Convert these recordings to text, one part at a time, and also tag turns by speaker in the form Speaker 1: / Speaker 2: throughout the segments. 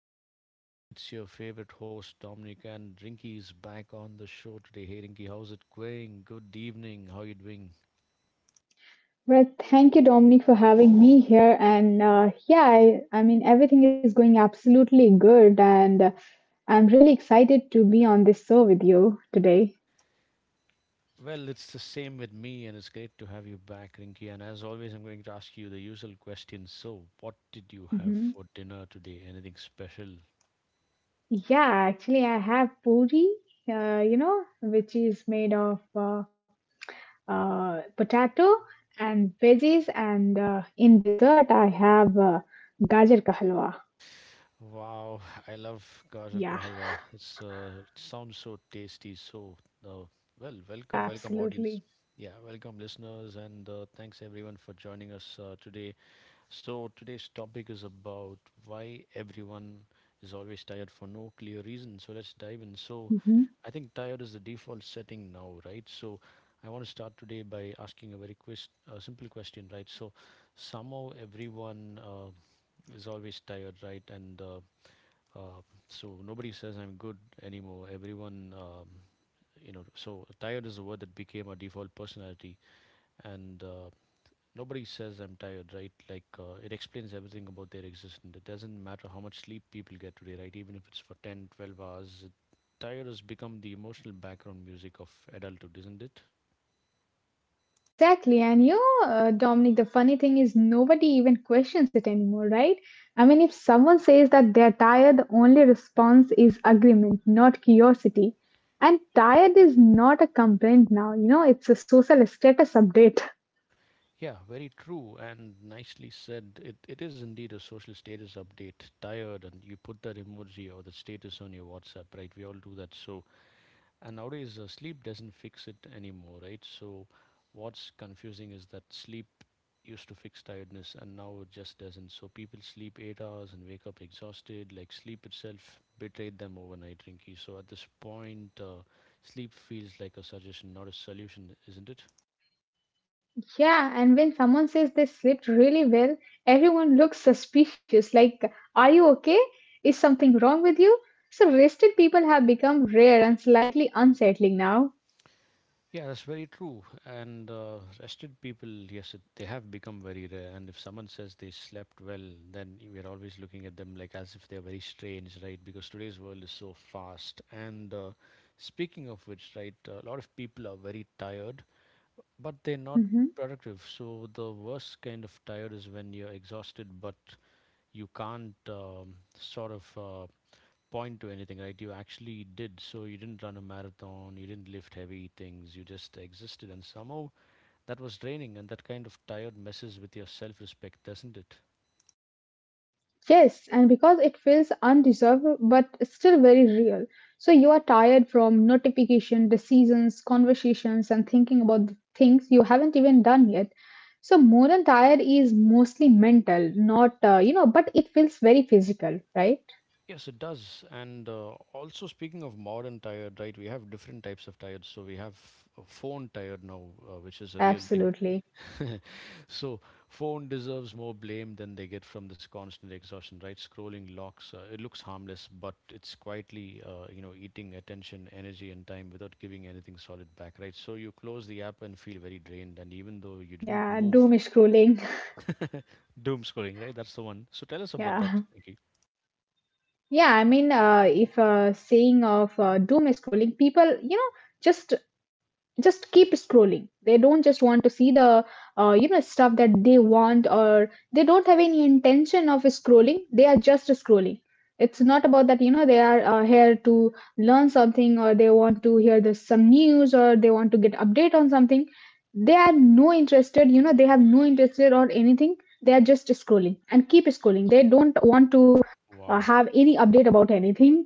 Speaker 1: show. It's your favorite host, Dominic, and Rinky is back on the show today. Hey, Rinky, how's it going? Good evening. How are you doing?
Speaker 2: Well, thank you, Dominic, for having me here. And yeah, I mean, everything is going absolutely good. And I'm really excited to be on this show with you today.
Speaker 1: Well, it's the same with me, and it's great to have you back, Rinky. And as always, I'm going to ask you the usual question. So, what did you have
Speaker 2: Hmm.
Speaker 1: for dinner today? Anything special?
Speaker 2: Yeah, actually, I have puri, which is made of potato and veggies, and in dessert, I have gajar ka halwa.
Speaker 1: Wow, I love Gajar ka
Speaker 2: Yeah,
Speaker 1: halwa. It sounds so tasty. So, uh, well, welcome
Speaker 2: absolutely.
Speaker 1: audience. Yeah, welcome listeners, and thanks everyone for joining us today. So today's topic is about why everyone is always tired for no clear reason. So let's dive in. So, I think tired is the default setting now, right? So, I want to start today by asking a simple question, right? So, somehow everyone is always tired, right? And uh, so nobody says I'm good anymore. Everyone, so tired is a word that became a default personality, and nobody says I'm tired, right? Like it explains everything about their existence. It doesn't matter how much sleep people get today, right? Even if it's for 10, 12 hours, tired has become the emotional background music of adulthood, isn't it?
Speaker 2: Exactly. And Dominic, the funny thing is nobody even questions it anymore, right? I mean, if someone says that they're tired, the only response is agreement, not curiosity. And tired is not a complaint now, it's a social status update.
Speaker 1: Yeah, very true and nicely said. It is indeed a social status update. Tired, and you put that emoji or the status on your WhatsApp, right? We all do that. So, and nowadays, sleep doesn't fix it anymore, right? So, what's confusing is that sleep used to fix tiredness and now it just doesn't. So, people sleep 8 hours and wake up exhausted, like sleep itself betrayed them overnight, Rinky. So, at this point, sleep feels like a suggestion, not a solution, isn't it?
Speaker 2: Yeah. And when someone says they slept really well, everyone looks suspicious like, are you okay? Is something wrong with you? So, rested people have become rare and slightly unsettling now.
Speaker 1: Yeah, that's very true. And rested people, yes, they have become very rare. And if someone says they slept well, then we're always looking at them like as if they're very strange, right? Because today's world is so fast. And speaking of which, right, a lot of people are very tired, but they're not
Speaker 2: Mhm.
Speaker 1: productive. So the worst kind of tired is when you're exhausted, but you can't sort of point to anything, right? You actually did. So you didn't run a marathon, you didn't lift heavy things, you just existed. And somehow that was draining, and that kind of tired messes with your self respect, doesn't it?
Speaker 2: Yes, and because it feels undeserved but still very real. So you are tired from notification, decisions, conversations, and thinking about the things you haven't even done yet. So more than tired is mostly mental, not but it feels very physical, right?
Speaker 1: Yes, it does. And also, speaking of modern tired, right, we have different types of tired. So we have a phone tired now, which is a real thing.
Speaker 2: Absolutely.
Speaker 1: So phone deserves more blame than they get from this constant exhaustion, right? Scrolling locks, it looks harmless, but it's quietly, eating attention, energy, and time without giving anything solid back, right? So you close the app and feel very drained, and even though you didn't
Speaker 2: Yeah,
Speaker 1: move,
Speaker 2: doom scrolling.
Speaker 1: doom scrolling, right? That's the one. So tell us about that,
Speaker 2: Yeah.
Speaker 1: Nikki.
Speaker 2: Yeah, I mean, if saying of doom scrolling, people, just just keep scrolling. They don't just want to see the stuff that they want, or they don't have any intention of scrolling, they are just scrolling. It's not about that, they are here to learn something, or they want to hear the, some news, or they want to get update on something. They are no interested, they have no interested or anything. They are just scrolling and keep scrolling. They don't want to
Speaker 1: Wow.
Speaker 2: have any update about anything.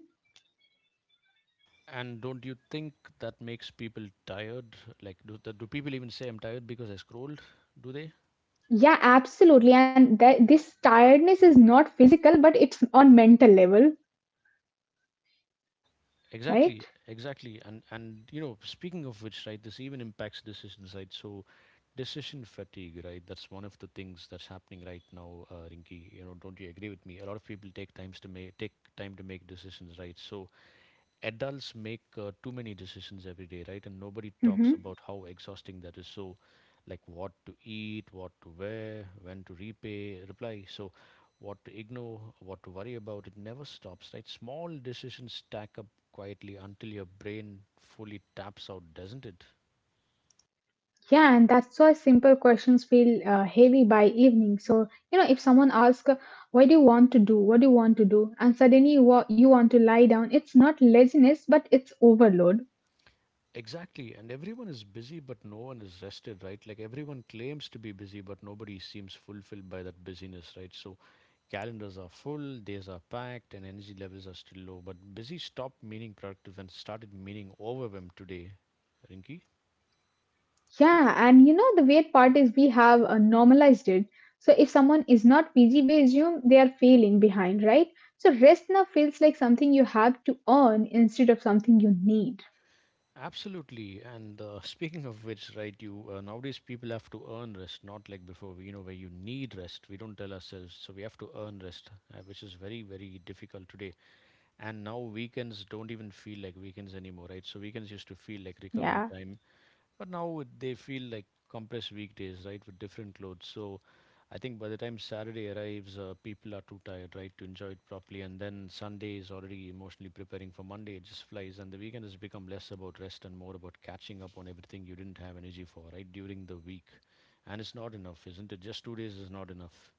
Speaker 1: And don't you think that makes people tired? Like, do people even say I'm tired because I scrolled? Do they?
Speaker 2: Yeah, absolutely. And that this tiredness is not physical, but it's on mental level, right?
Speaker 1: Exactly, exactly. And speaking of which, right, this even impacts decisions, right? So decision fatigue, right? That's one of the things that's happening right now, Rinki. You know, don't you agree with me? A lot of people take time to make decisions, right? So adults make too many decisions every day, right? And nobody
Speaker 2: Hmm.
Speaker 1: talks about how exhausting that is. So, like, what to eat, what to wear, when to repay reply, so what to ignore, what to worry about. It never stops, right? Small decisions stack up quietly until your brain fully taps out, doesn't it?
Speaker 2: Yeah, and that's why simple questions feel heavy by evening. So if someone asks, "What do you want to do? What do you want to do?" And suddenly you want to lie down, it's not laziness, but it's overload.
Speaker 1: Exactly, and everyone is busy, but no one is rested, right? Like everyone claims to be busy, but nobody seems fulfilled by that busyness, right? So calendars are full, days are packed, and energy levels are still low. But busy stopped meaning productive and started meaning overwhelmed today, Rinky.
Speaker 2: Yeah, and the weird part is we have normalized it. So if someone is not PG, we assume they are failing behind, right? So rest now feels like something you have to earn instead of something you need.
Speaker 1: Absolutely, and speaking of which, right? You nowadays people have to earn rest, not like before. You know where you need rest. We don't tell ourselves, so we have to earn rest, which is very very difficult today. And now weekends don't even feel like weekends anymore, right? So weekends used to feel like recovery
Speaker 2: Yeah,
Speaker 1: time, but now they feel like compressed weekdays, right, with different clothes. So I think by the time Saturday arrives, people are too tired, right, to enjoy it properly. And then Sunday is already emotionally preparing for Monday. It just flies, and the weekend has become less about rest and more about catching up on everything you didn't have energy for, right, during the week. And it's not enough, isn't it? Just 2 days is not enough.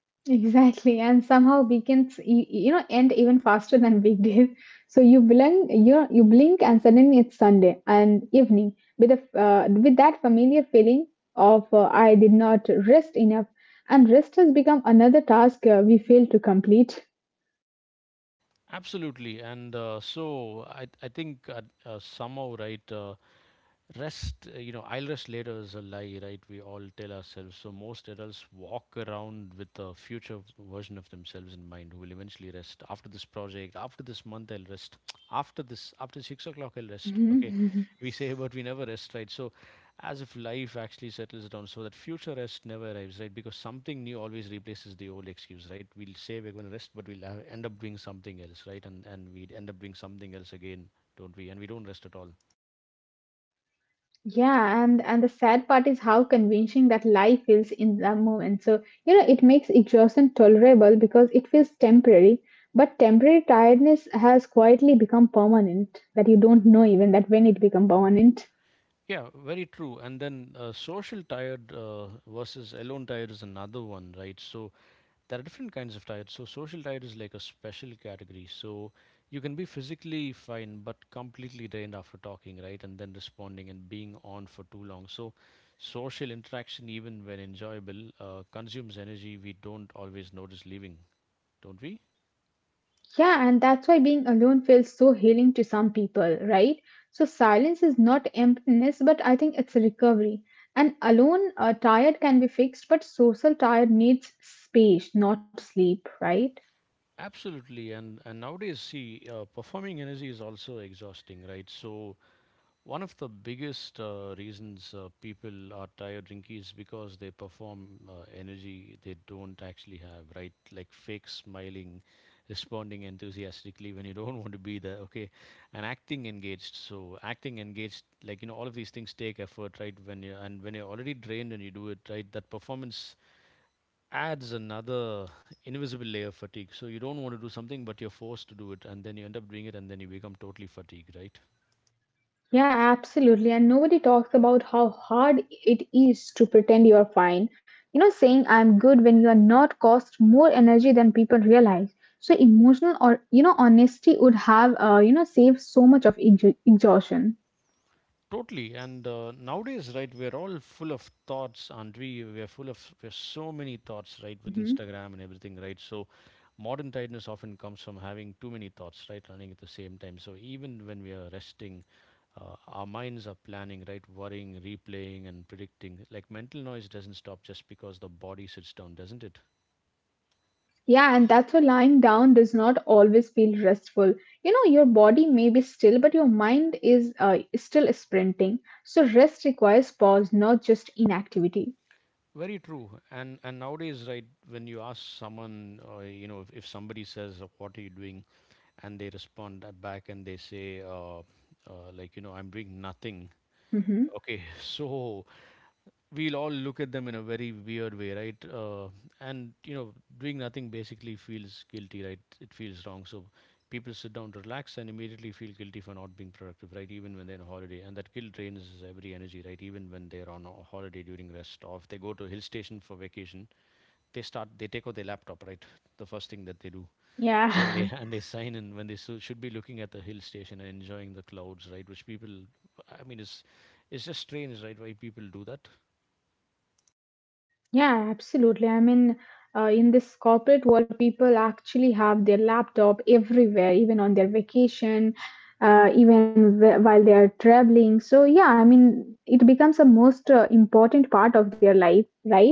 Speaker 2: exactly. And somehow weekends, end even faster than weekdays. So you blink, you blink, and suddenly it's Sunday and evening with that familiar feeling of I did not rest enough, and rest has become another task we fail to complete.
Speaker 1: Absolutely, and so I think somehow right. Rest, I'll rest later is a lie, right? We all tell ourselves. So most adults walk around with a future version of themselves in mind who will eventually rest. After this project, after this month, I'll rest. After this, after 6 o'clock, I'll rest. Okay.
Speaker 2: Mhm.
Speaker 1: We say, but we never rest, right? So as if life actually settles down so that future rest never arrives, right? Because something new always replaces the old excuse, right? We'll say we're going to rest, but we'll end up doing something else, right? And we'd end up doing something else again, don't we? And we don't rest at all.
Speaker 2: Yeah, and the sad part is how convincing that lie feels in that moment. So, it makes exhaustion tolerable because it feels temporary, but temporary tiredness has quietly become permanent that you don't know even that when it become permanent.
Speaker 1: Yeah, very true. And then social tired versus alone tired is another one, right? So there are different kinds of tired. So social tired is like a special category. So you can be physically fine but completely drained after talking, right? And then responding and being on for too long. So social interaction, even when enjoyable, consumes energy we don't always notice leaving, don't we?
Speaker 2: Yeah, and that's why being alone feels so healing to some people, right? So silence is not emptiness, but I think it's a recovery. And alone, tired can be fixed, but social tired needs space, not sleep, right?
Speaker 1: Absolutely, and nowadays, see, performing energy is also exhausting, right? So one of the biggest reasons people are tired drinking is because they perform energy they don't actually have, right? Like fake smiling, responding enthusiastically when you don't want to be there, okay? And acting engaged. So acting engaged, like all of these things take effort, right? When you're already drained and you do it, right? That performance adds another invisible layer of fatigue. So you don't want to do something, but you're forced to do it, and then you end up doing it, and then you become totally fatigued, right?
Speaker 2: Yeah, absolutely. And nobody talks about how hard it is to pretend you're fine. Saying I'm good when you are not costs more energy than people realize. So emotional or, honesty would have, saved so much of exhaustion.
Speaker 1: Totally. And nowadays, right, we're all full of thoughts, are we? We're full of we so many thoughts, right, with
Speaker 2: Hmm.
Speaker 1: Instagram and everything, right? So modern tiredness often comes from having too many thoughts, right, running at the same time. So even when we are resting, our minds are planning, right, worrying, replaying, and predicting. Like mental noise doesn't stop just because the body sits down, doesn't it?
Speaker 2: Yeah, and that's why lying down does not always feel restful. Your body may be still, but your mind is still sprinting. So rest requires pause, not just inactivity.
Speaker 1: Very true. And nowadays, right, when you ask someone, if somebody says, "What are you doing?" and they respond back and they say like I'm doing nothing,
Speaker 2: Hmm.
Speaker 1: okay? So we'll all look at them in a very weird way, right. And doing nothing basically feels guilty, right, it feels wrong. So people sit down to relax and immediately feel guilty for not being productive, right, even when they're on a holiday. And that guilt drains every energy, right, even when they're on a holiday during rest, or if they go to a hill station for vacation, they take out their laptop, right, the first thing that they do. And they
Speaker 2: Yeah.
Speaker 1: and they sign in when they so should be looking at the hill station and enjoying the clouds, right? Which people, I mean, it's just strange, right? Why people do that?
Speaker 2: Yeah, absolutely. I mean, in this corporate world, people actually have their laptop everywhere, even on their vacation, even while they are traveling. So, yeah, I mean, it becomes a most important part of their life, right?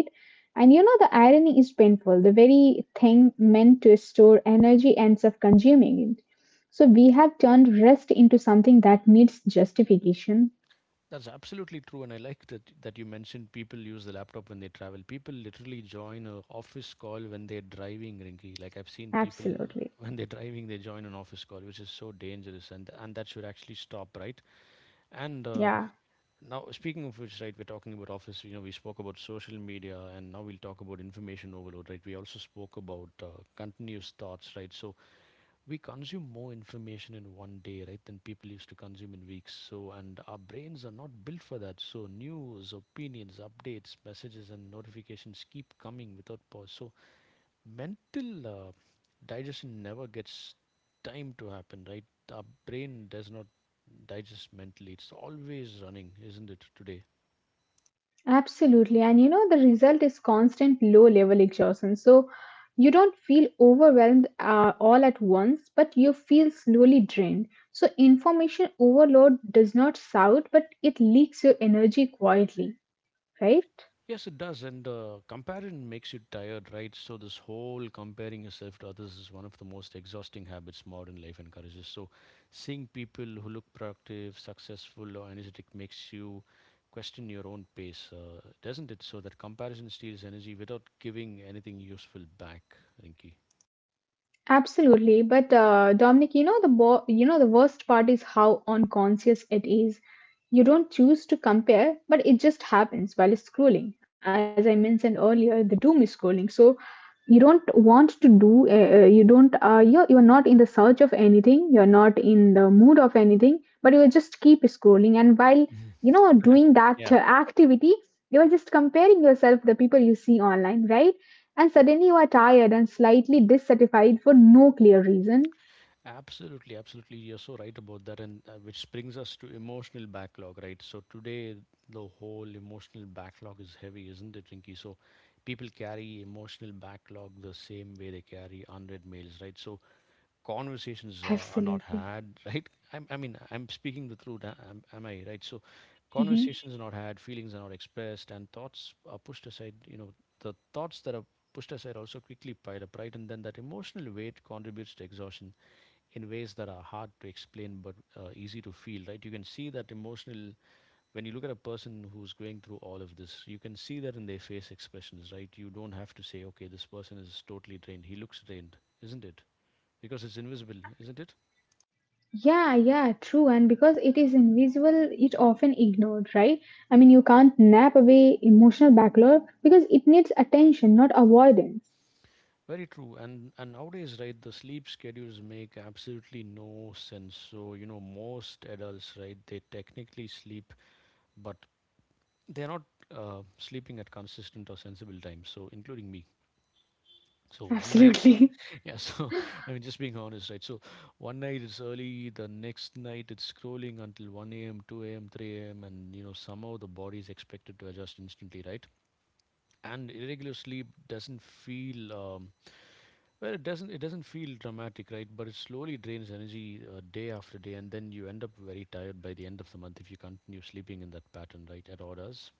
Speaker 2: And the irony is painful. The very thing meant to store energy ends up consuming it. So, we have turned rest into something that needs justification.
Speaker 1: That's absolutely true, and I like that you mentioned people use the laptop when they travel. People literally join a office call when they're driving, Rinky. Like I've seen people
Speaker 2: Absolutely.
Speaker 1: when they're driving, they join an office call, which is so dangerous, and that should actually stop, right? And
Speaker 2: Yeah.
Speaker 1: Now, speaking of which, right, we're talking about office. You know, we spoke about social media, and now we'll talk about information overload, right? We also spoke about continuous thoughts, right? So we consume more information in one day, right, than people used to consume in weeks. So, and our brains are not built for that. So news, opinions, updates, messages, and notifications keep coming without pause. So mental digestion never gets time to happen, right? Our brain does not digest mentally. It's always running, isn't it? Today.
Speaker 2: Absolutely. And the result is constant low level exhaustion. So you don't feel overwhelmed all at once, but you feel slowly drained. So information overload does not shout, but it leaks your energy quietly, right?
Speaker 1: Yes, it does, and comparison makes you tired, right? So this whole comparing yourself to others is one of the most exhausting habits modern life encourages. So seeing people who look productive, successful, or energetic makes you question your own pace, doesn't it? So that comparison steals energy without giving anything useful back, Rinky.
Speaker 2: Absolutely, but Dominic, you know the worst part is how unconscious it is. You don't choose to compare, but it just happens while scrolling. As I mentioned earlier, the doom is scrolling, so you don't want to do. You don't. You're not in the search of anything. You're not in the mood of anything. But you will just keep scrolling, and while doing that
Speaker 1: Yeah,
Speaker 2: activity, you are just comparing yourself with the people you see online, right? And suddenly you are tired and slightly dissatisfied for no clear reason.
Speaker 1: absolutely, absolutely. You're so right about that, and which brings us to emotional backlog, right? So today, the whole emotional backlog is heavy, isn't it, Rinky? So people carry emotional backlog the same way they carry unread mails, right? So conversations are not
Speaker 2: Absolutely.
Speaker 1: had, right? I mean, I'm speaking the truth, am I right? So
Speaker 2: Hmm.
Speaker 1: conversations are not had, feelings are not expressed, and thoughts are pushed aside. You know, the thoughts that are pushed aside also quickly pile up, right? And then that emotional weight contributes to exhaustion in ways that are hard to explain but easy to feel, right? You can see that emotional when you look at a person who's going through all of this, you can see that in their face expressions, right? You don't have to say, okay, this person is totally drained, he looks drained, isn't it? Because it's invisible, isn't it?
Speaker 2: Yeah, yeah, true. And because it is invisible, it often ignored, right? I mean, you can't nap away emotional backlog because it needs attention, not avoidance.
Speaker 1: Very true, and nowadays, right, the sleep schedules make absolutely no sense. So, you know, most adults, right, they technically sleep, but they're not sleeping at consistent or sensible times, so including me. So one night,
Speaker 2: Absolutely.
Speaker 1: yeah, so I mean, just being honest, right? So one night it's early, the next night it's scrolling until 1 a.m., 2 a.m., 3 a.m., and, you know, somehow the body is expected to adjust instantly, right? And irregular sleep doesn't feel, well, it doesn't feel dramatic, right? But it slowly drains energy day after day, and then you end up very tired by the end of the month if you continue sleeping in that pattern, right? At orders.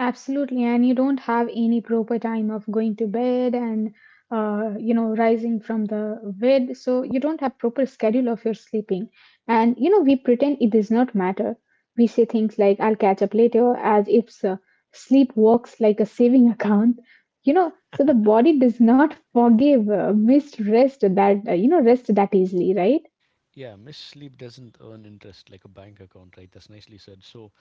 Speaker 2: Absolutely, and you don't have any proper time of going to bed and rising from the bed, so you don't have proper schedule of your sleeping. And we pretend it does not matter. We say things like "I'll catch up later" as if sleep works like a saving account. So the body does not forgive missed rest that easily, right?
Speaker 1: Yeah, missed sleep doesn't earn interest like a bank account, right? That's nicely said. So,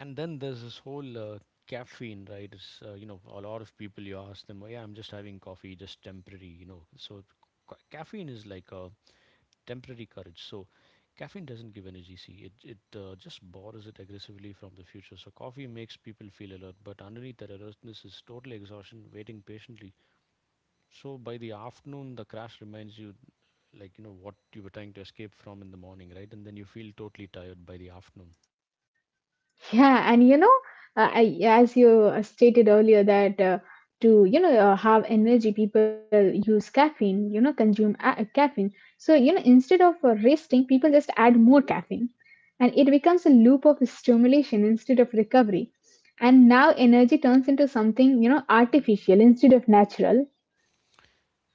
Speaker 1: and then there's this whole caffeine, right? It's, you know, a lot of people you ask them, oh, yeah, I'm just having coffee, just temporary. So caffeine is like a temporary courage. So caffeine doesn't give energy, see, it just borrows it aggressively from the future. So coffee makes people feel alert, but underneath that alertness is total exhaustion, waiting patiently. So by the afternoon, the crash reminds you, like, what you were trying to escape from in the morning, right? And then you feel totally tired by the afternoon.
Speaker 2: Yeah, and as you stated earlier, that to have energy, people use caffeine. Consume caffeine. So instead of resting, people just add more caffeine, and it becomes a loop of stimulation instead of recovery. And now energy turns into something artificial instead of natural.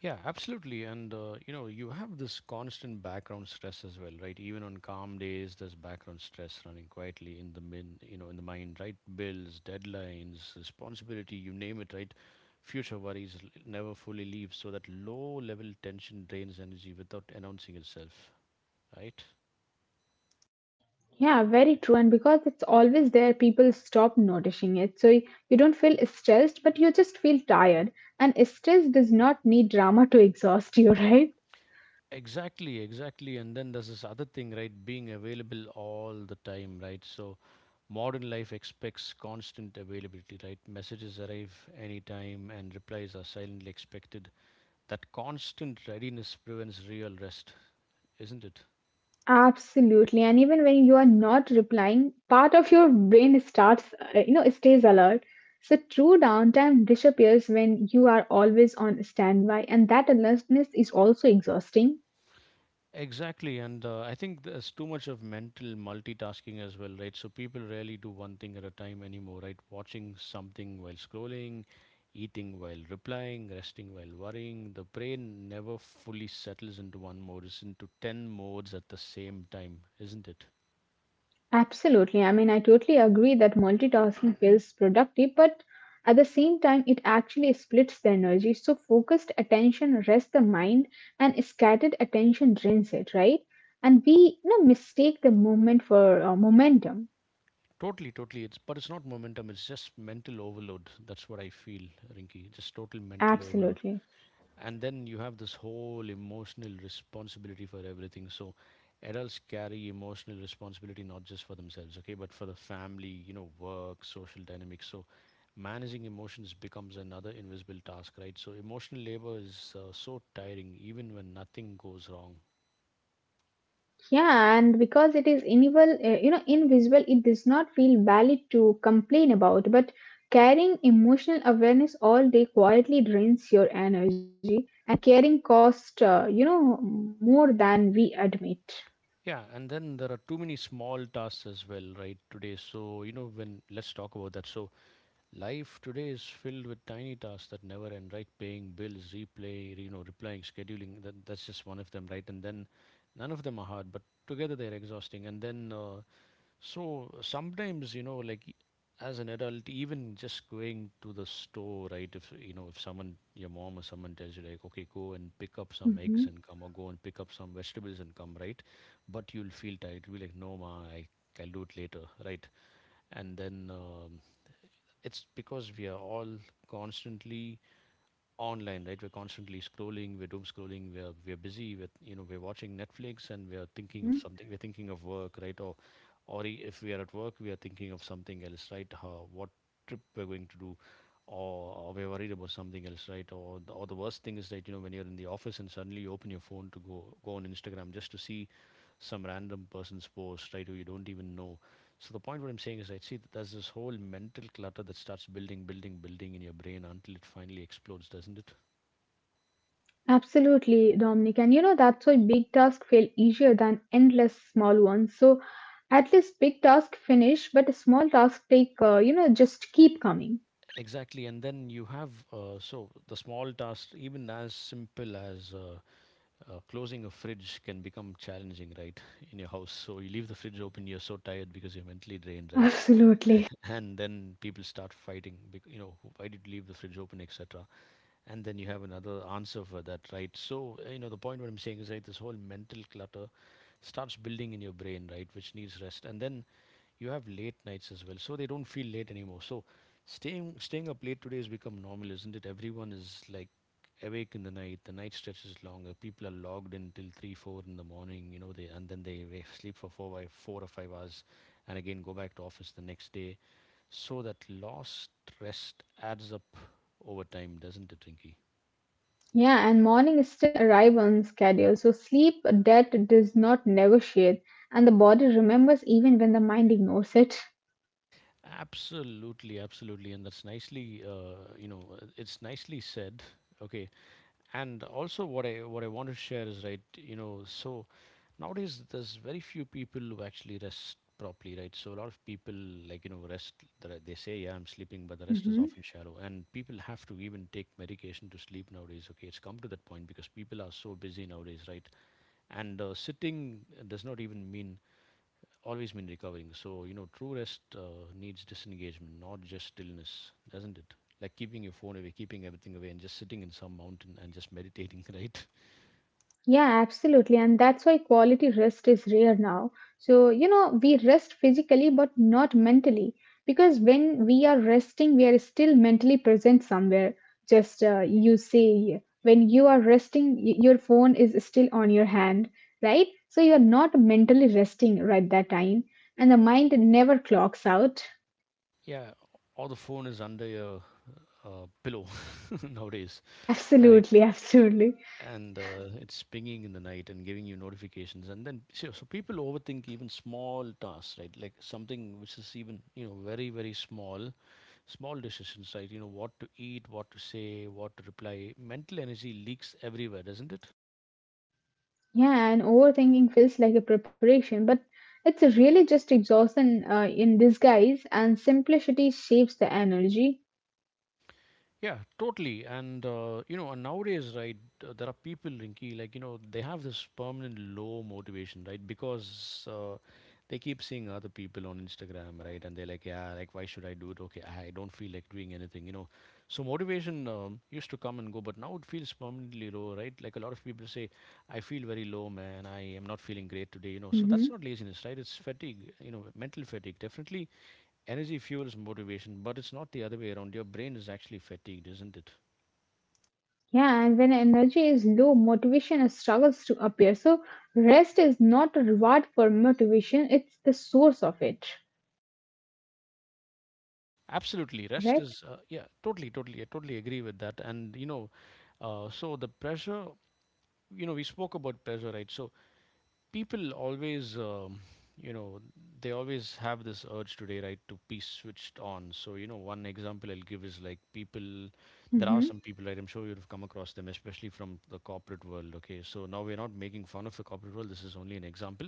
Speaker 1: Yeah, absolutely. And you know, you have this constant background stress as well, right? Even on calm days, there's background stress running quietly in the mind, right? Bills, deadlines, responsibility, you name it, right? Future worries never fully leave, so that low level tension drains energy without announcing itself, right?
Speaker 2: Yeah, very true. And because it's always there, people stop noticing it. So you don't feel stressed, but you just feel tired. And stress does not need drama to exhaust you, right?
Speaker 1: Exactly, exactly. And then there's this other thing, right? Being available all the time, right? So modern life expects constant availability, right? Messages arrive anytime and replies are silently expected. That constant readiness prevents real rest, isn't it?
Speaker 2: Absolutely. And even when you are not replying, part of your brain stays alert. So true downtime disappears when you are always on standby. And that alertness is also exhausting.
Speaker 1: Exactly, and I think there's too much of mental multitasking as well, right? So people rarely do one thing at a time anymore, right? Watching something while scrolling, eating while replying, resting while worrying. The brain never fully settles into one mode, it's into 10 modes at the same time, isn't it?
Speaker 2: Absolutely. I mean, I totally agree that multitasking feels productive, but at the same time, it actually splits the energy. So, focused attention rests the mind, and scattered attention drains it, right? And we, mistake the movement for momentum.
Speaker 1: Totally, totally. It's But it's not momentum, it's just mental overload. That's what I feel, Rinky. Just total mental overload.
Speaker 2: Absolutely.
Speaker 1: And then you have this whole emotional responsibility for everything. So adults carry emotional responsibility not just for themselves, okay, but for the family, you know, work social dynamics. So managing emotions becomes another invisible task, right? So emotional labor is so tiring even when nothing goes wrong.
Speaker 2: Yeah, and because it is invisible, it does not feel valid to complain about. But carrying emotional awareness all day quietly drains your energy. Caring cost more than we admit.
Speaker 1: Yeah, and then there are too many small tasks as well, right, today. So, you know, when, let's talk about that. So life today is filled with tiny tasks that never end, right? Paying bills, replying, scheduling. That's just one of them, right? And then none of them are hard, but together they're exhausting. And then, so sometimes, you know, like as an adult, even just going to the store, right? If, you know, if someone, your mom or someone tells you, like, okay, go and pick up some eggs
Speaker 2: Hmm.
Speaker 1: and come, or go and pick up some vegetables and come, right? But you'll feel tired. You'll be like, no, ma, I'll do it later, right? And then, it's because we are all constantly online, right? We're constantly scrolling, we're doom scrolling, we're busy with, you know, we're watching Netflix, and we are thinking of
Speaker 2: Hmm.
Speaker 1: something, we're thinking of work, right? Or, if we are at work, we are thinking of something else, right? What trip we're going to do, or we're worried about something else, right? Or the, or the worst thing is that, you know, when you're in the office and suddenly you open your phone to go on Instagram just to see some random person's post, right, who you don't even know. So the point, what I'm saying is, right, see, that there's this whole mental clutter that starts building, building, building in your brain until it finally explodes, doesn't it?
Speaker 2: Absolutely, Dominic, and that's why big tasks feel easier than endless small ones. So at least big task finish, but small task take just keep coming.
Speaker 1: Exactly, and then you have so the small tasks, even as simple as closing a fridge, can become challenging, right, in your house. So you leave the fridge open, you're so tired because you're mentally drained, right,
Speaker 2: Absolutely.
Speaker 1: and then people start fighting, you know, why did you leave the fridge open, etc. And then you have another answer for that, right? So you know, the point, what I'm saying is, right, this whole mental clutter starts building in your brain, right, which needs rest. And then you have late nights as well, so they don't feel late anymore. So staying up late today has become normal, isn't it? Everyone is like awake in the night, the night stretches longer, people are logged in till 3 4 in the morning, you know, they, and then they sleep for 4 by 4 or 5 hours and again go back to office the next day. So that lost rest adds up over time, doesn't it, Rinky?
Speaker 2: Yeah, and morning still arrive on schedule, so sleep debt does not negotiate. And the body remembers even when the mind ignores it.
Speaker 1: Absolutely, absolutely, and that's nicely, it's nicely said. Okay, and also what I want to share is, right, you know, so nowadays there's very few people who actually rest properly, right? So a lot of people, like, you know, rest. They say, yeah, I'm sleeping, but the rest is
Speaker 2: Mm-hmm.
Speaker 1: often shallow, and people have to even take medication to sleep nowadays. Okay, it's come to that point because people are so busy nowadays, right? And sitting does not even mean always been recovering. So, you know, true rest needs disengagement, not just stillness, doesn't it? Like keeping your phone away, keeping everything away, and just sitting in some mountain and just meditating, right?
Speaker 2: Yeah, absolutely. And that's why quality rest is rare now. So, we rest physically but not mentally because when we are resting, we are still mentally present somewhere. Just you say, when you are resting, your phone is still on your hand, right? So you're not mentally resting right that time. And the mind never clocks out.
Speaker 1: Yeah, or the phone is under your pillow nowadays, right?
Speaker 2: Absolutely, absolutely.
Speaker 1: And it's pinging in the night and giving you notifications. And then, so people overthink even small tasks, right? Like something which is even, you know, very, very small decisions, right? You know, what to eat, what to say, what to reply. Mental energy leaks everywhere, doesn't it?
Speaker 2: Yeah, and overthinking feels like a preparation, but it's really just exhaustion in disguise, and simplicity shapes the energy.
Speaker 1: Yeah, totally. And you know, and nowadays, right, there are people, Rinky, like, you know, they have this permanent low motivation, right, because they keep seeing other people on Instagram, right, and they're like, yeah, like, why should I do it? Okay, I don't feel like doing anything. So motivation used to come and go, but now it feels permanently low, right? Like, a lot of people say, I feel very low, man. I am not feeling great today. So that's
Speaker 2: Hmm.
Speaker 1: not laziness, right? It's fatigue, you know, mental fatigue, definitely. Energy fuels motivation, but it's not the other way around. Your brain is actually fatigued, isn't it?
Speaker 2: Yeah, and when energy is low, motivation struggles to appear. So, rest is not a reward for motivation, it's the source of it,
Speaker 1: Absolutely.
Speaker 2: right?
Speaker 1: Yeah, totally, totally. I totally agree with that. And, so the pressure, you know, we spoke about pressure, right? So people always, you know, they always have this urge today, right, to be switched on. So, you know, one example I'll give is, like, people, there are
Speaker 2: Hmm.
Speaker 1: some people, right, I'm sure you'd have come across them, especially from the corporate world, okay? So now we're not making fun of the corporate world. This is only an example.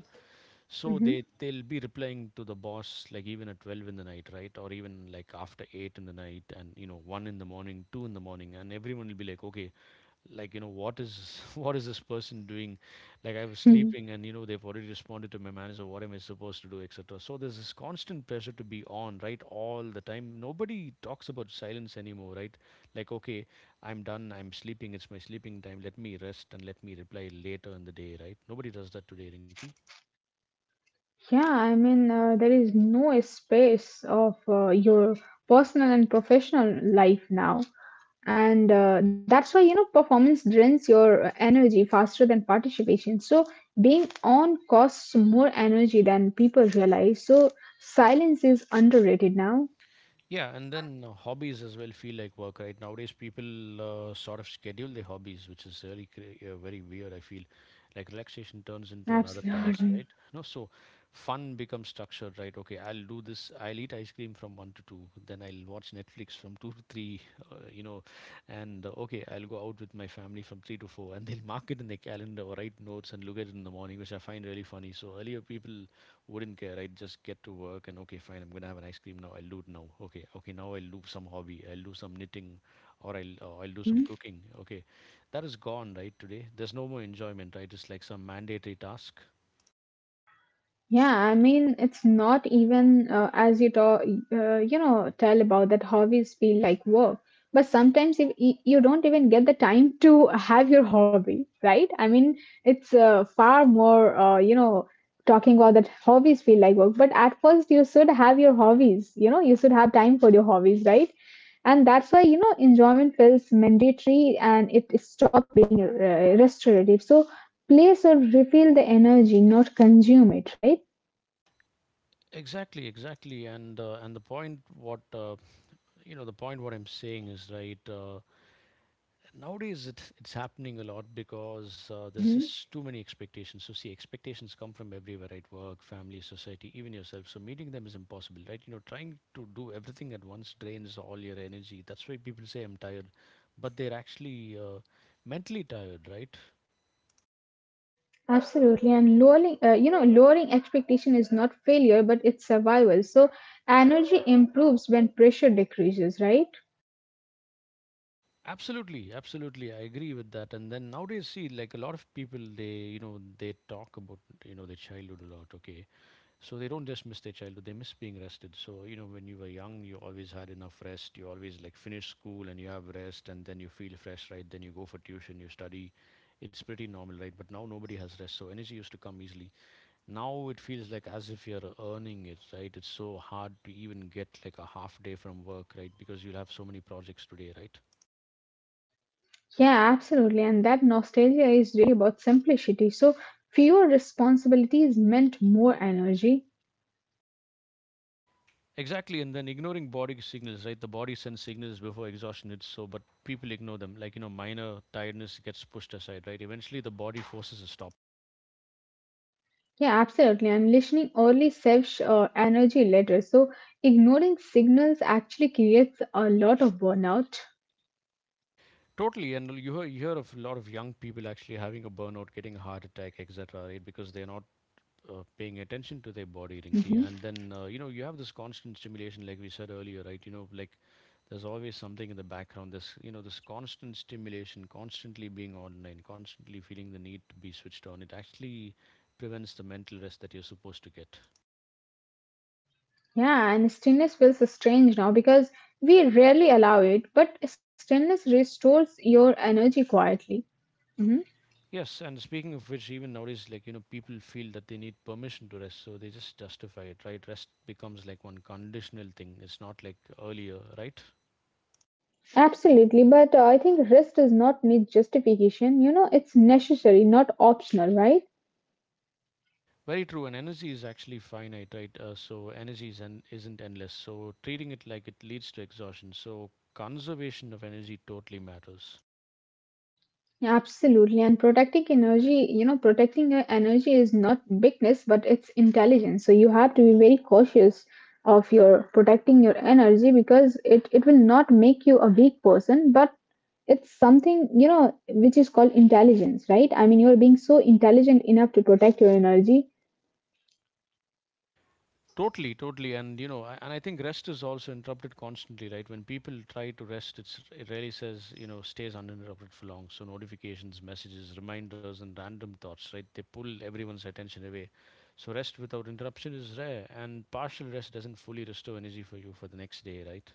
Speaker 1: So
Speaker 2: Hmm.
Speaker 1: they'll be replying to the boss like even at 12 in the night, right? Or even like after 8 in the night, and 1 in the morning, 2 in the morning, and everyone will be like, "Okay, like what is what is this person doing? Like I was
Speaker 2: Mhm.
Speaker 1: sleeping, and they've already responded to my manager. What am I supposed to do, etc." So there's this constant pressure to be on, right? All the time. Nobody talks about silence anymore, right? Like, "Okay, I'm done. I'm sleeping. It's my sleeping time. Let me rest and let me reply later in the day," right? Nobody does that today, Rinki.
Speaker 2: Yeah, I mean, there is no space of your personal and professional life now. And that's why performance drains your energy faster than participation. So being on costs more energy than people realize. So silence is underrated now.
Speaker 1: Yeah, and then hobbies as well feel like work, right? Nowadays, people sort of schedule their hobbies, which is really very weird. I feel like relaxation turns into another task,
Speaker 2: Absolutely.
Speaker 1: right? No, so fun becomes structured, right? Okay, I'll do this. I'll eat ice cream from 1 to 2, then I'll watch Netflix from 2 to 3, uh, you know, and okay, I'll go out with my family from 3 to 4, and they'll mark it in their calendar or write notes and look at it in the morning, which I find really funny. So earlier, people wouldn't care. I'd just get to work and okay, fine. I'm gonna have an ice cream now. I'll do it now. Okay, okay. Now I'll do some hobby. I'll do some knitting, or I'll do some
Speaker 2: Mm-hmm.
Speaker 1: cooking. Okay, that is gone, right? Today, there's no more enjoyment. Right, it's like some mandatory task.
Speaker 2: Yeah, I mean, it's not even as you talk, tell about that hobbies feel like work. But sometimes if you don't even get the time to have your hobby, right? I mean, it's far more, talking about that hobbies feel like work. But at first, you should have your hobbies, you should have time for your hobbies, right? And that's why, enjoyment feels mandatory and it stops being restorative. So play should refill the energy, not consume it, right?
Speaker 1: Exactly, exactly. And the point what I'm saying is, right? Nowadays, it's happening a lot because there's
Speaker 2: Hmm.
Speaker 1: just too many expectations. So, see, expectations come from everywhere, right? Work, family, society, even yourself. So meeting them is impossible, right? You know, trying to do everything at once drains all your energy. That's why people say, "I'm tired," but they're actually mentally tired, right?
Speaker 2: Absolutely, and lowering expectation is not failure, but it's survival. So energy improves when pressure decreases, right?
Speaker 1: Absolutely, absolutely. I agree with that. And then nowadays, see, like a lot of people, they talk about their childhood a lot, okay? So they don't just miss their childhood; they miss being rested. So, when you were young, you always had enough rest. You always like finish school and you have rest, and then you feel fresh, right? Then you go for tuition, you study. It's pretty normal, right? But now nobody has rest, so energy used to come easily. Now it feels like as if you're earning it, right? It's so hard to even get like a half day from work, right? Because you'll have so many projects today, right?
Speaker 2: Yeah, absolutely, and that nostalgia is really about simplicity. So fewer responsibilities meant more energy.
Speaker 1: Exactly, and then ignoring body signals, right? The body sends signals before exhaustion hits, so but people ignore them. Like, minor tiredness gets pushed aside, right? Eventually, the body forces a stop.
Speaker 2: Yeah, absolutely, and listening early saves energy later. So ignoring signals actually creates a lot of burnout.
Speaker 1: Totally, and you hear of a lot of young people actually having a burnout, getting a heart attack, etc., right? Because they're not paying attention to their body, Rinky.
Speaker 2: Mm-hmm.
Speaker 1: And then, you have this constant stimulation, like we said earlier, right? There's always something in the background. This constant stimulation, constantly being online, constantly feeling the need to be switched on. It actually prevents the mental rest that you're supposed to get.
Speaker 2: Yeah, and stillness feels strange now because we rarely allow it, but stillness restores your energy quietly. Hmm.
Speaker 1: Yes, and speaking of which, even nowadays, people feel that they need permission to rest, so they just justify it, right? Rest becomes like one conditional thing. It's not like earlier, right?
Speaker 2: Absolutely, but I think rest does not need justification. You know, it's necessary, not optional, right?
Speaker 1: Very true, and energy is actually finite, right? So energy isn't endless. So treating it like it leads to exhaustion. So conservation of energy totally matters.
Speaker 2: Absolutely. And protecting energy, you know, protecting your energy is not weakness, but it's intelligence. So you have to be very cautious of your protecting your energy because it will not make you a weak person, but it's something, you know, which is called intelligence, right? I mean, you're being so intelligent enough to protect your energy.
Speaker 1: Totally, totally, and I think rest is also interrupted constantly, right? When people try to rest, it really says stays uninterrupted for long. So notifications, messages, reminders, and random thoughts, right? They pull everyone's attention away. So rest without interruption is rare, and partial rest doesn't fully restore energy for you for the next day, right?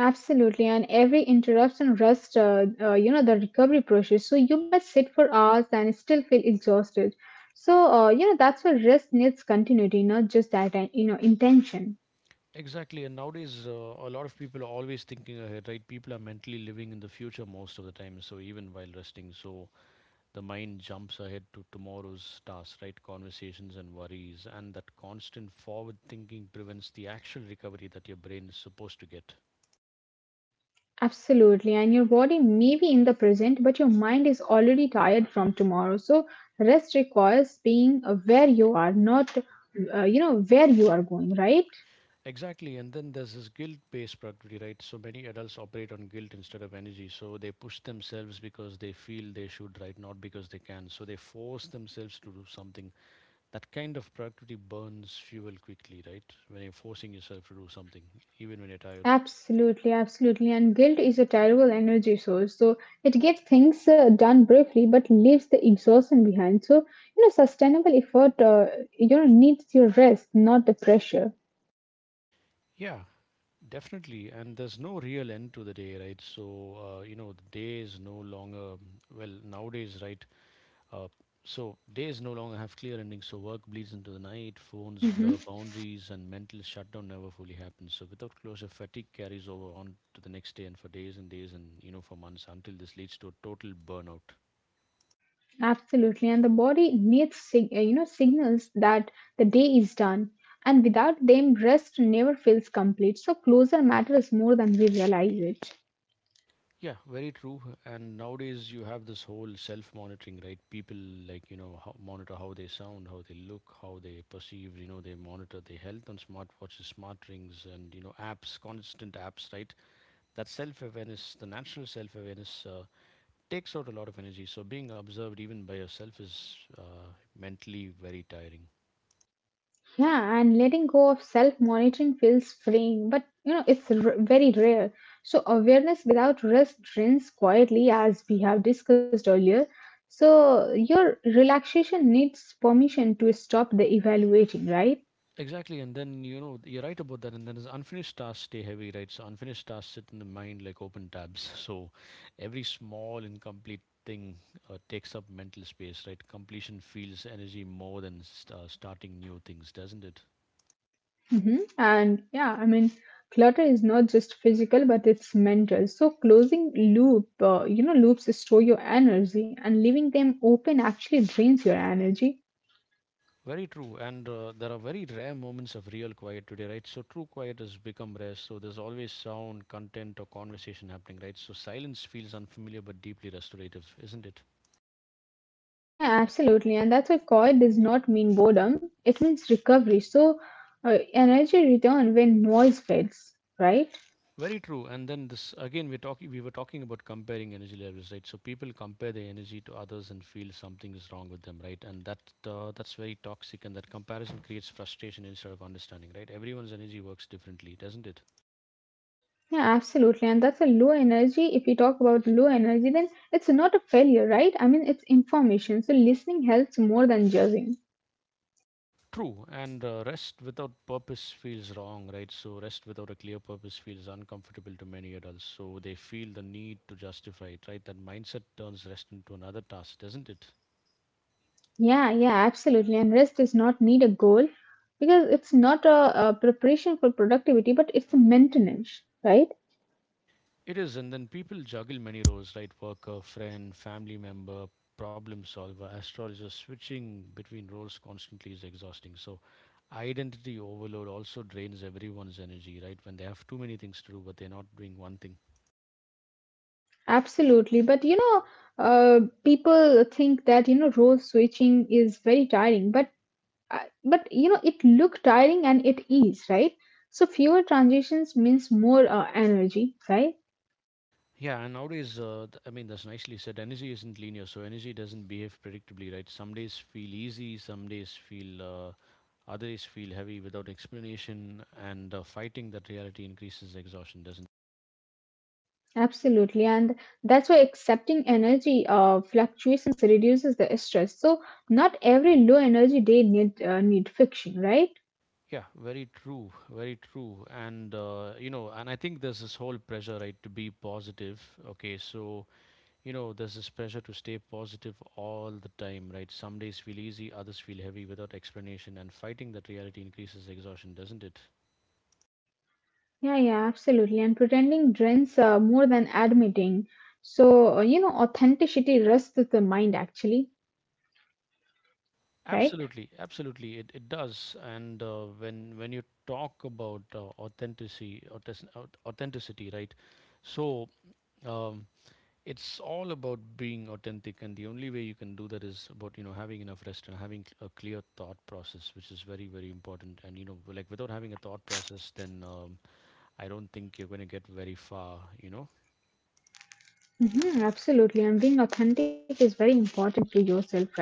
Speaker 2: Absolutely, and every interruption rushed, you know, the recovery process. So you might sit for hours and still feel exhausted. So you know that's where rest needs continuity, not just that you know intention.
Speaker 1: Exactly, and nowadays a lot of people are always thinking ahead, right? People are mentally living in the future most of the time, so even while resting, so the mind jumps ahead to tomorrow's tasks, right? Conversations and worries, and that constant forward thinking prevents the actual recovery that your brain is supposed to get.
Speaker 2: Absolutely, and your body may be in the present, but your mind is already tired from tomorrow. So rest requires being where you are, not you know where you are going, right?
Speaker 1: Exactly, and then there's this guilt based productivity, right? So many adults operate on guilt instead of energy, so they push themselves because they feel they should, right? Not because they can, so they force themselves to do something. That kind of productivity burns fuel quickly, right? When you're forcing yourself to do something, even when you're tired.
Speaker 2: Absolutely, absolutely. And guilt is a terrible energy source. So it gets things done briefly, but leaves the exhaustion behind. So, you know, sustainable effort, you know, needs your rest, not the pressure.
Speaker 1: Yeah, definitely. And there's no real end to the day, right? So, the day is no longer, well, nowadays, right? Uh, so, days no longer have clear endings. So work bleeds into the night, phones blur
Speaker 2: Mhm.
Speaker 1: boundaries, and mental shutdown never fully happens. So, without closure, fatigue carries over on to the next day, and for days and days, and for months, until this leads to a total burnout.
Speaker 2: Absolutely. And the body needs, you know, signals that the day is done. And without them, rest never feels complete. So closure matters more than we realize it.
Speaker 1: Yeah, very true. And nowadays you have this whole self-monitoring, right? People monitor how they sound, how they look, how they perceive. They monitor their health on smartwatches, smart rings, and apps, constant apps, right? The natural self-awareness takes out a lot of energy. So being observed, even by yourself, is mentally very tiring.
Speaker 2: Yeah, and letting go of self-monitoring feels freeing, but you know, it's very rare. So awareness without risk drains quietly, as we have discussed earlier. So your relaxation needs permission to stop the evaluating, right?
Speaker 1: Exactly, and then you're right about that. And then as unfinished tasks stay heavy, right? So unfinished tasks sit in the mind like open tabs. So every small incomplete thing takes up mental space, right? Completion feels energy more than starting new things, doesn't it?
Speaker 2: Mhm. And yeah, I mean, clutter is not just physical, but it's mental. So closing you know, loops store your energy, and leaving them open actually drains your energy.
Speaker 1: Very true, and there are very rare moments of real quiet today, right? So true quiet has become rare. So there's always sound, content, or conversation happening, right? So silence feels unfamiliar but deeply restorative, isn't it?
Speaker 2: Yeah, absolutely. And that's why quiet does not mean boredom. It means recovery. So energy return when noise fades, right?
Speaker 1: Very true. And then this again, we were talking about comparing energy levels, right? So people compare their energy to others and feel something is wrong with them, right? And that's very toxic. And that comparison creates frustration instead of understanding, right? Everyone's energy works differently, doesn't it?
Speaker 2: Yeah, absolutely. And that's a low energy. If we talk about low energy, then it's not a failure, right? I mean, it's information. So listening helps more than judging.
Speaker 1: True. And rest without purpose feels wrong, right? So rest without a clear purpose feels uncomfortable to many adults. So they feel the need to justify it, right? That mindset turns rest into another task, doesn't it?
Speaker 2: Yeah, yeah, absolutely. And rest does not need a goal because it's not a preparation for productivity, but it's a maintenance, right?
Speaker 1: It is, and then people juggle many roles, right? Worker, friend, family member, problem solver, astrologer. Switching between roles constantly is exhausting. So identity overload also drains everyone's energy, right? When they have too many things to do, but they're not doing one thing.
Speaker 2: Absolutely. But you know, people think that you know role switching is very tiring, but but you know it look tiring and it is, right? So fewer transitions means more energy, right?
Speaker 1: Yeah, and nowadays, I mean, that's nicely said. Energy isn't linear, so energy doesn't behave predictably, right? Some days feel easy, other days feel heavy without explanation, and fighting that reality increases exhaustion, doesn't—
Speaker 2: Absolutely, and that's why accepting energy fluctuations reduces the stress. So not every low energy day need fixing, right?
Speaker 1: Yeah, very true, very true. And I think there's this whole pressure, right, to be positive. Okay, so there's this pressure to stay positive all the time, right? Some days feel easy, others feel heavy without explanation, and fighting that reality increases exhaustion, doesn't it?
Speaker 2: Yeah, yeah, absolutely. And pretending drains more than admitting. So you know, authenticity rests with the mind, actually, right?
Speaker 1: Absolutely, absolutely, it does. And when you talk about authenticity, right? So. Um, it's all about being authentic, and the only way you can do that is about having enough rest and having a clear thought process, which is very, very important. And without having a thought process, then I don't think you're going to get very far.
Speaker 2: Hmm, absolutely, and being authentic is very important to yourself, right?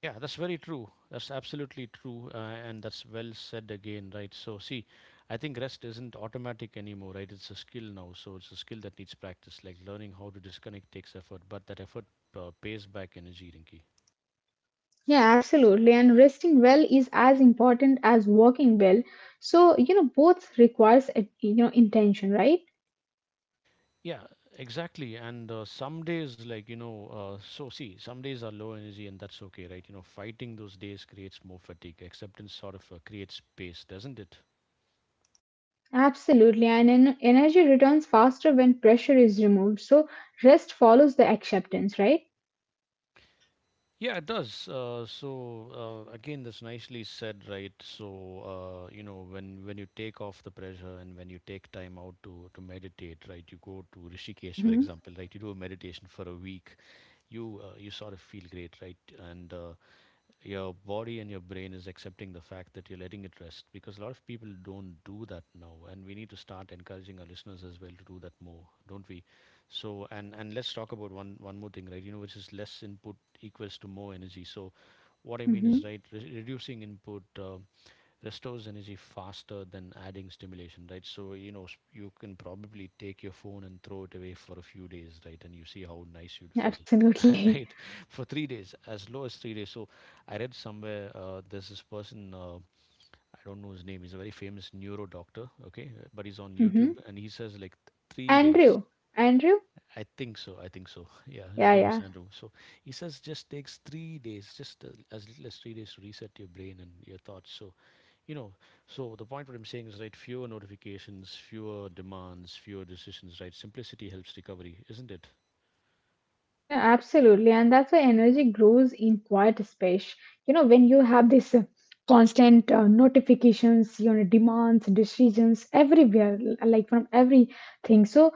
Speaker 1: Yeah, that's very true. That's absolutely true. And that's well said again, right? So, see, I think rest isn't automatic anymore, right? It's a skill now. So it's a skill that needs practice. Like learning how to disconnect takes effort, but that effort pays back energy, Rinky.
Speaker 2: Yeah, absolutely. And resting well is as important as working well. So you know, both requires you know intention, right?
Speaker 1: Yeah, exactly. And some days, see, some days are low energy, and that's okay, right? You know, fighting those days creates more fatigue. Acceptance sort of creates space, doesn't it?
Speaker 2: Absolutely, and energy returns faster when pressure is removed. So rest follows the acceptance, right?
Speaker 1: Yeah, it does. Again, that's nicely said, right? So when you take off the pressure, and when you take time out to meditate, right? You go to Rishikesh, for
Speaker 2: Mm-hmm.
Speaker 1: example, right? You do a meditation for a week. You sort of feel great, right? And your body and your brain is accepting the fact that you're letting it rest because a lot of people don't do that now, and we need to start encouraging our listeners as well to do that more, don't we? So and let's talk about one more thing, right? Which is less input equals to more energy. So what I mean
Speaker 2: Mm-hmm.
Speaker 1: is, right, reducing input restores energy faster than adding stimulation, right? You can probably take your phone and throw it away for a few days, right? And you see how nice you'd feel.
Speaker 2: Absolutely.
Speaker 1: Right, for 3 days, as low as 3 days. So I read somewhere, there's this person, I don't know his name. He's a very famous neuro doctor, okay, but he's on
Speaker 2: Mm-hmm.
Speaker 1: YouTube and he says like 3 days.
Speaker 2: Andrew, Andrew,
Speaker 1: I think so. I think so. Yeah, his
Speaker 2: yeah,
Speaker 1: name is
Speaker 2: yeah,
Speaker 1: Andrew. So he says just takes 3 days, just as little as 3 days to reset your brain and your thoughts. So, you know, the point what I'm saying is, right, fewer notifications, fewer demands, fewer decisions. Right, simplicity helps recovery, isn't it?
Speaker 2: yeah, absolutely, and that's why energy grows in quiet space. You know, when you have this constant notifications, you know, demands, decisions everywhere, like from everything. So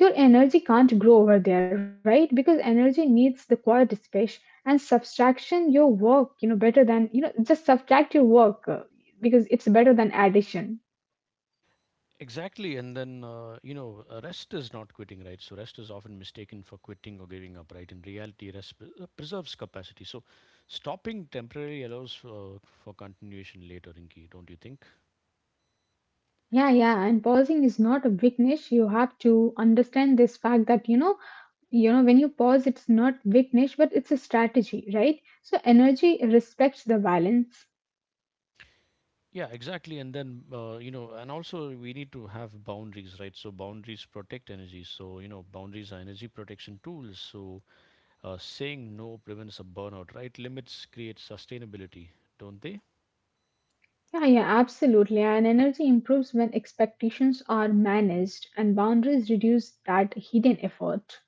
Speaker 2: your energy can't grow over there, right, because energy needs the quiet space and subtraction your work you know better than you know just subtract your work because it's better than addition.
Speaker 1: Exactly. And then rest is not quitting, right? So rest is often mistaken for quitting or giving up, right? In reality, rest preserves capacity. So stopping temporarily allows for continuation later, Rinki, don't you think?
Speaker 2: Yeah, yeah, and pausing is not a weakness. You have to understand this fact that you know, you know, when you pause it's not weakness but it's a strategy, right? So energy respects the balance.
Speaker 1: Yeah, exactly. And then and also we need to have boundaries, right? So boundaries protect energy. So you know, boundaries are energy protection tools. So saying no prevents a burnout, right? Limits create sustainability, don't they?
Speaker 2: Yeah, yeah, absolutely. And energy improves when expectations are managed and boundaries reduce that hidden effort.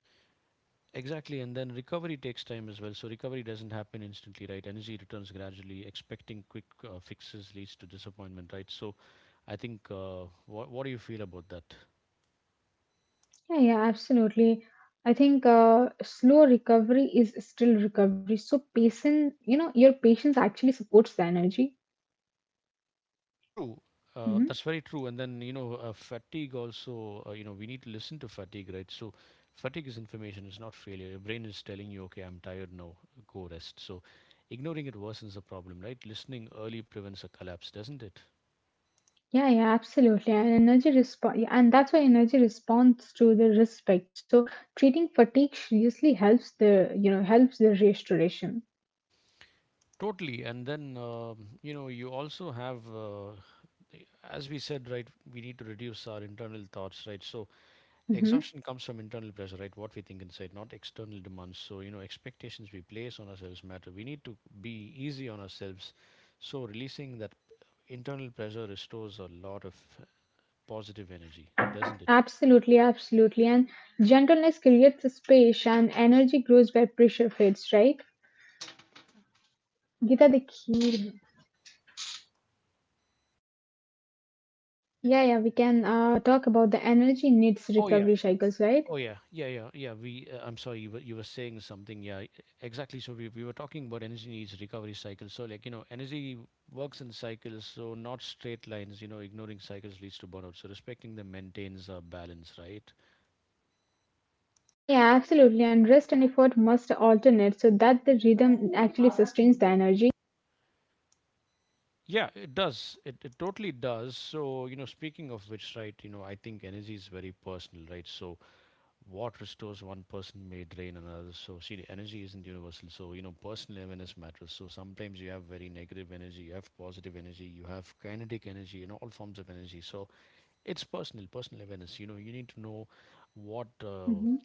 Speaker 1: Exactly, and then recovery takes time as well. So recovery doesn't happen instantly, right? Energy returns gradually. Expecting quick fixes leads to disappointment, right? So, I think what do you feel about that?
Speaker 2: Yeah, yeah, absolutely. I think slow recovery is still recovery. So patient, you know, your patience actually supports the energy.
Speaker 1: True,
Speaker 2: Hmm.
Speaker 1: that's very true. And then you know, fatigue also. We need to listen to fatigue, right? So, fatigue is information. It's not failure. Your brain is telling you, okay, I'm tired now. Go rest. So, ignoring it worsens the problem, right? Listening early prevents a collapse, doesn't it?
Speaker 2: Yeah, yeah, absolutely. And energy response, and that's why energy responds to the respect. So treating fatigue seriously helps the, you know, helps the restoration.
Speaker 1: Totally. And then you also have, as we said, right, we need to reduce our internal thoughts, right? So
Speaker 2: Hmm.
Speaker 1: exhaustion comes from internal pressure, right, what we think inside, not external demands. So you know, expectations we place on ourselves matter. We need to be easy on ourselves. So releasing that internal pressure restores a lot of positive energy, doesn't it?
Speaker 2: Absolutely, absolutely. And gentleness creates a space, and energy grows where pressure fades, right? Gita, the key. Yeah, yeah, we can talk about the energy needs
Speaker 1: Oh yeah,
Speaker 2: recovery cycles, right?
Speaker 1: oh yeah, yeah, yeah, yeah. We, I'm sorry, you were saying something. Yeah, exactly. So we were talking about energy needs recovery cycles. So like you know, energy works in cycles, so not straight lines. You know, ignoring cycles leads to burnout. So respecting them maintains a balance, right?
Speaker 2: Yeah, yeah, absolutely. And rest and effort must alternate so that the rhythm actually sustains the energy.
Speaker 1: Yeah, it does. It totally does. So you know, speaking of which, right? You know, I think energy is very personal, right? So what restores one person may drain another. So, see, the energy isn't universal. So, you know, personal awareness matters. So, sometimes you have very negative energy, you have positive energy, you have kinetic energy, and all forms of energy. So, it's personal, personal awareness. You know, you need to know what.
Speaker 2: Mhm.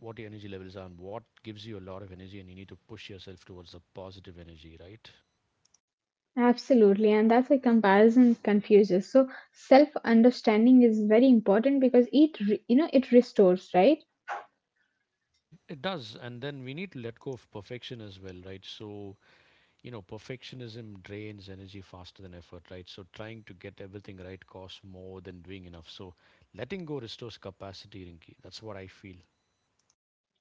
Speaker 1: What your energy levels are and what gives you a lot of energy, and you need to push yourself towards the positive energy, right?
Speaker 2: Absolutely, and that's why comparison confuses. So self-understanding is very important because you know, it restores, right?
Speaker 1: It does. And then we need to let go of perfection as well, right? So you know, perfectionism drains energy faster than effort, right? So trying to get everything right costs more than doing enough. So letting go restores capacity, Rinki, that's what I feel.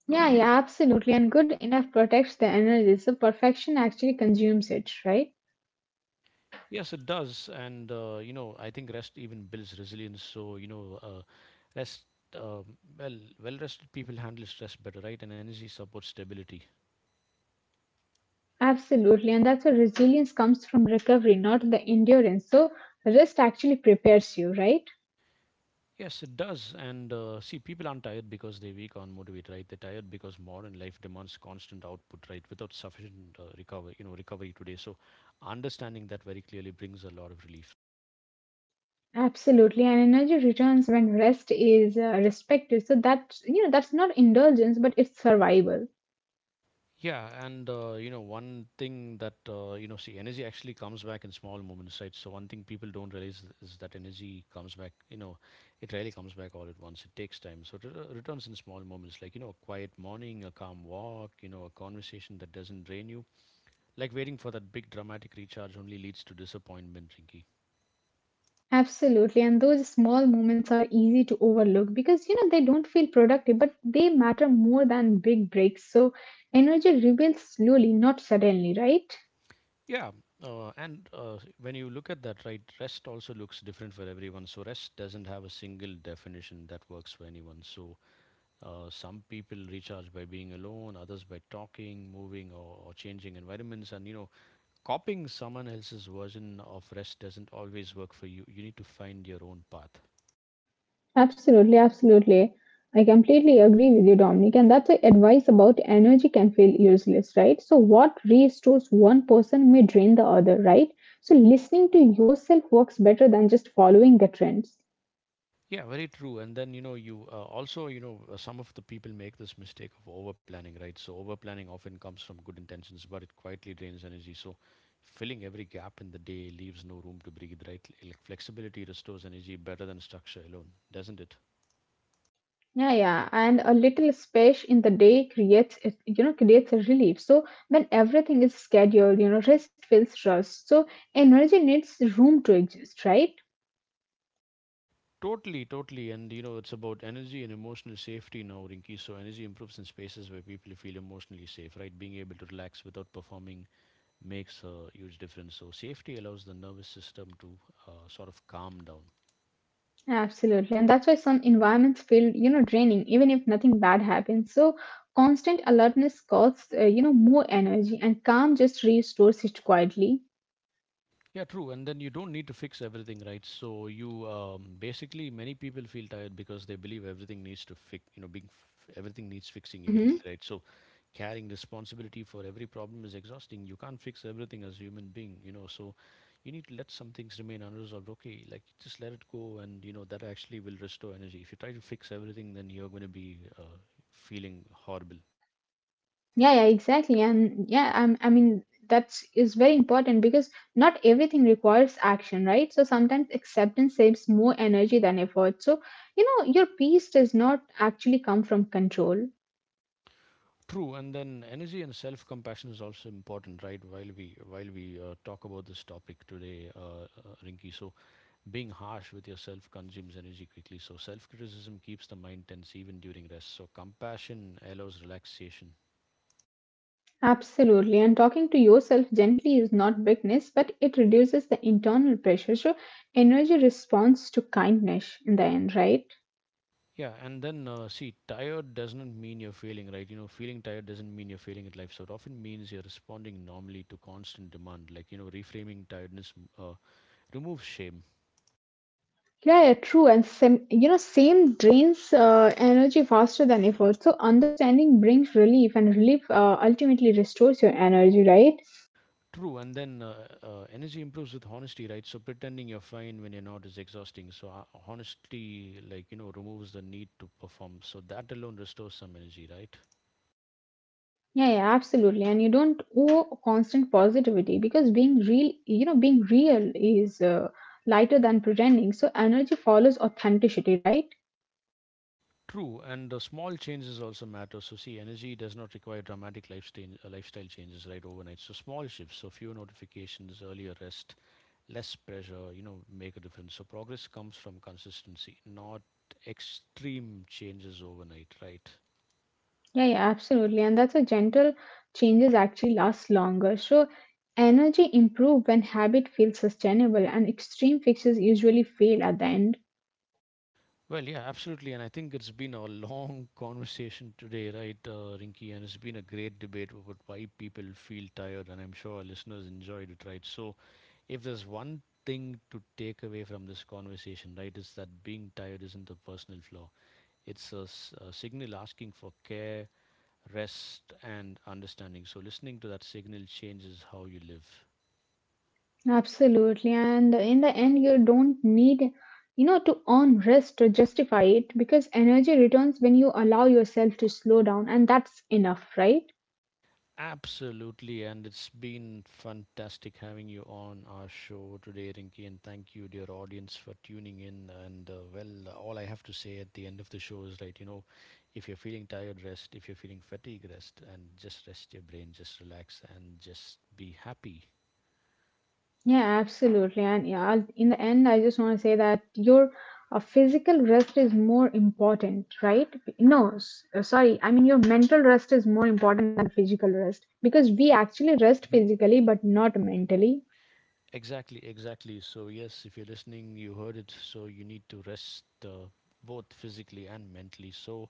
Speaker 2: Yeah, yeah, absolutely. And good enough protects the energy. So perfection actually consumes it, right?
Speaker 1: Yes, it does. And I think rest even builds resilience. So you know, rest, um well well rested people handle stress better, right? And energy supports stability.
Speaker 2: Absolutely, and that's where resilience comes from recovery, not the endurance. So rest actually prepares you, right?
Speaker 1: Yes, it does. And see, people aren't tired because they're weak or unmotivated, right? They're tired because modern life demands constant output, right? Without sufficient recovery today. So, understanding that very clearly brings a lot of relief.
Speaker 2: Absolutely, and energy returns when rest is respected. So that's you know that's not indulgence, but it's survival.
Speaker 1: Yeah, and one thing that see, energy actually comes back in small moments, right? So one thing people don't realize is that energy comes back. You know, it rarely comes back all at once. It takes time. So it returns in small moments, like you know, a quiet morning, a calm walk, you know, a conversation that doesn't drain you. Like waiting for that big dramatic recharge only leads to disappointment, Rinky.
Speaker 2: Absolutely, and those small moments are easy to overlook because you know they don't feel productive, but they matter more than big breaks. So energy rebuilds slowly, not suddenly, right?
Speaker 1: Yeah, and when you look at that, right, rest also looks different for everyone. So rest doesn't have a single definition that works for anyone. So some people recharge by being alone, others by talking, moving, or changing environments. And you know, copying someone else's version of rest doesn't always work for you. You need to find your own path.
Speaker 2: Absolutely, absolutely. I completely agree with you, Dominic. And that's why advice about energy can feel useless, right? So, what restores one person may drain the other, right? So, listening to yourself works better than just following the trends.
Speaker 1: Yeah, very true. And then, you know, some of the people make this mistake of over planning, right? So, over planning often comes from good intentions, but it quietly drains energy. So, filling every gap in the day leaves no room to breathe, right? Like flexibility restores energy better than structure alone, doesn't it?
Speaker 2: Yeah, yeah. And a little space in the day creates, it, you know, creates a relief. So, when everything is scheduled, you know, rest feels rushed. So, energy needs room to exist, right?
Speaker 1: Totally, totally. And, you know, it's about energy and emotional safety now, Rinki. So, energy improves in spaces where people feel emotionally safe, right? Being able to relax without performing makes a huge difference. So, safety allows the nervous system to sort of calm down.
Speaker 2: Absolutely. And that's why some environments feel, you know, draining, even if nothing bad happens. So constant alertness costs, you know, more energy and calm just restores it quietly.
Speaker 1: Yeah, true. And then you don't need to fix everything, right? So you basically many people feel tired because they believe everything needs to fix, you know, everything needs fixing
Speaker 2: Mm-hmm.
Speaker 1: immediately, right? So carrying responsibility for every problem is exhausting. You can't fix everything as a human being, you know. So you need to let some things remain unresolved. Okay, like just let it go, and you know that actually will restore energy. If you try to fix everything, then you're going to be feeling horrible.
Speaker 2: Yeah, yeah, exactly. And yeah, I'm, I mean, that is very important because not everything requires action, right? So sometimes acceptance saves more energy than effort. So, you know, your peace does not actually come from control.
Speaker 1: True. And then energy and self compassion is also important, right? While we talk about this topic today, Rinki, so being harsh with yourself consumes energy quickly. So self criticism keeps the mind tense even during rest. So compassion allows relaxation.
Speaker 2: Absolutely. And talking to yourself gently is not weakness, but it reduces the internal pressure. So energy responds to kindness in the end, right?
Speaker 1: Yeah, and then see, tired doesn't mean you're failing, right? You know, feeling tired doesn't mean you're failing at life. So it often means you're responding normally to constant demand. Like you know, reframing tiredness uh, removes shame.
Speaker 2: Yeah, yeah, true. And same, you know, same drains energy faster than effort. So understanding brings relief, and relief ultimately restores your energy, right?
Speaker 1: True, and then energy improves with honesty, right? So pretending you're fine when you're not is exhausting. So honesty, like you know, removes the need to perform. So that alone restores some energy, right?
Speaker 2: Yeah, yeah, absolutely. And you don't owe constant positivity because being real, you know, being real is lighter than pretending. So energy follows authenticity, right?
Speaker 1: True, and the small changes also matter. So see, energy does not require dramatic lifestyle lifestyle changes, right, overnight. So small shifts, so fewer notifications, earlier rest, less pressure, you know, make a difference. So progress comes from consistency, not extreme changes overnight, right?
Speaker 2: Yeah, yeah, absolutely. And that's a gentle changes actually last longer. So energy improve when habit feels sustainable and extreme fixes usually fail at the end.
Speaker 1: Well, yeah, absolutely. And I think it's been a long conversation today, right, Rinky? And it's been a great debate about why people feel tired. And I'm sure our listeners enjoyed it, right? So, if there's one thing to take away from this conversation, right, is that being tired isn't a personal flaw, it's a signal asking for care, rest, and understanding. So, listening to that signal changes how you live.
Speaker 2: Absolutely. And in the end you don't need you know to earn rest to justify it because energy returns when you allow yourself to slow down and that's enough, right?
Speaker 1: Absolutely, and it's been fantastic having you on our show today, Rinki, and thank you, dear audience, for tuning in. And well, all I have to say at the end of the show is right, you know, if you're feeling tired, rest. If you're feeling fatigued, rest, and just rest your brain, just relax, and just be happy.
Speaker 2: Yeah, absolutely. And yeah, in the end, I just want to say that your physical rest is more important, right? No, sorry. I mean, your mental rest is more important than the physical rest because we actually rest
Speaker 1: Mhm.
Speaker 2: physically but not mentally.
Speaker 1: Exactly, exactly. So, yes, if you're listening, you heard it. So, you need to rest both physically and mentally. So,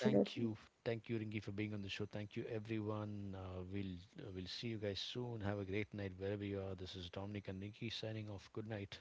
Speaker 1: thank you, thank you, Ringy, for being on the show. Thank you, everyone. We'll we'll see you guys soon. Have a great night wherever you are. This is Dominic and Ringy signing off. Good night.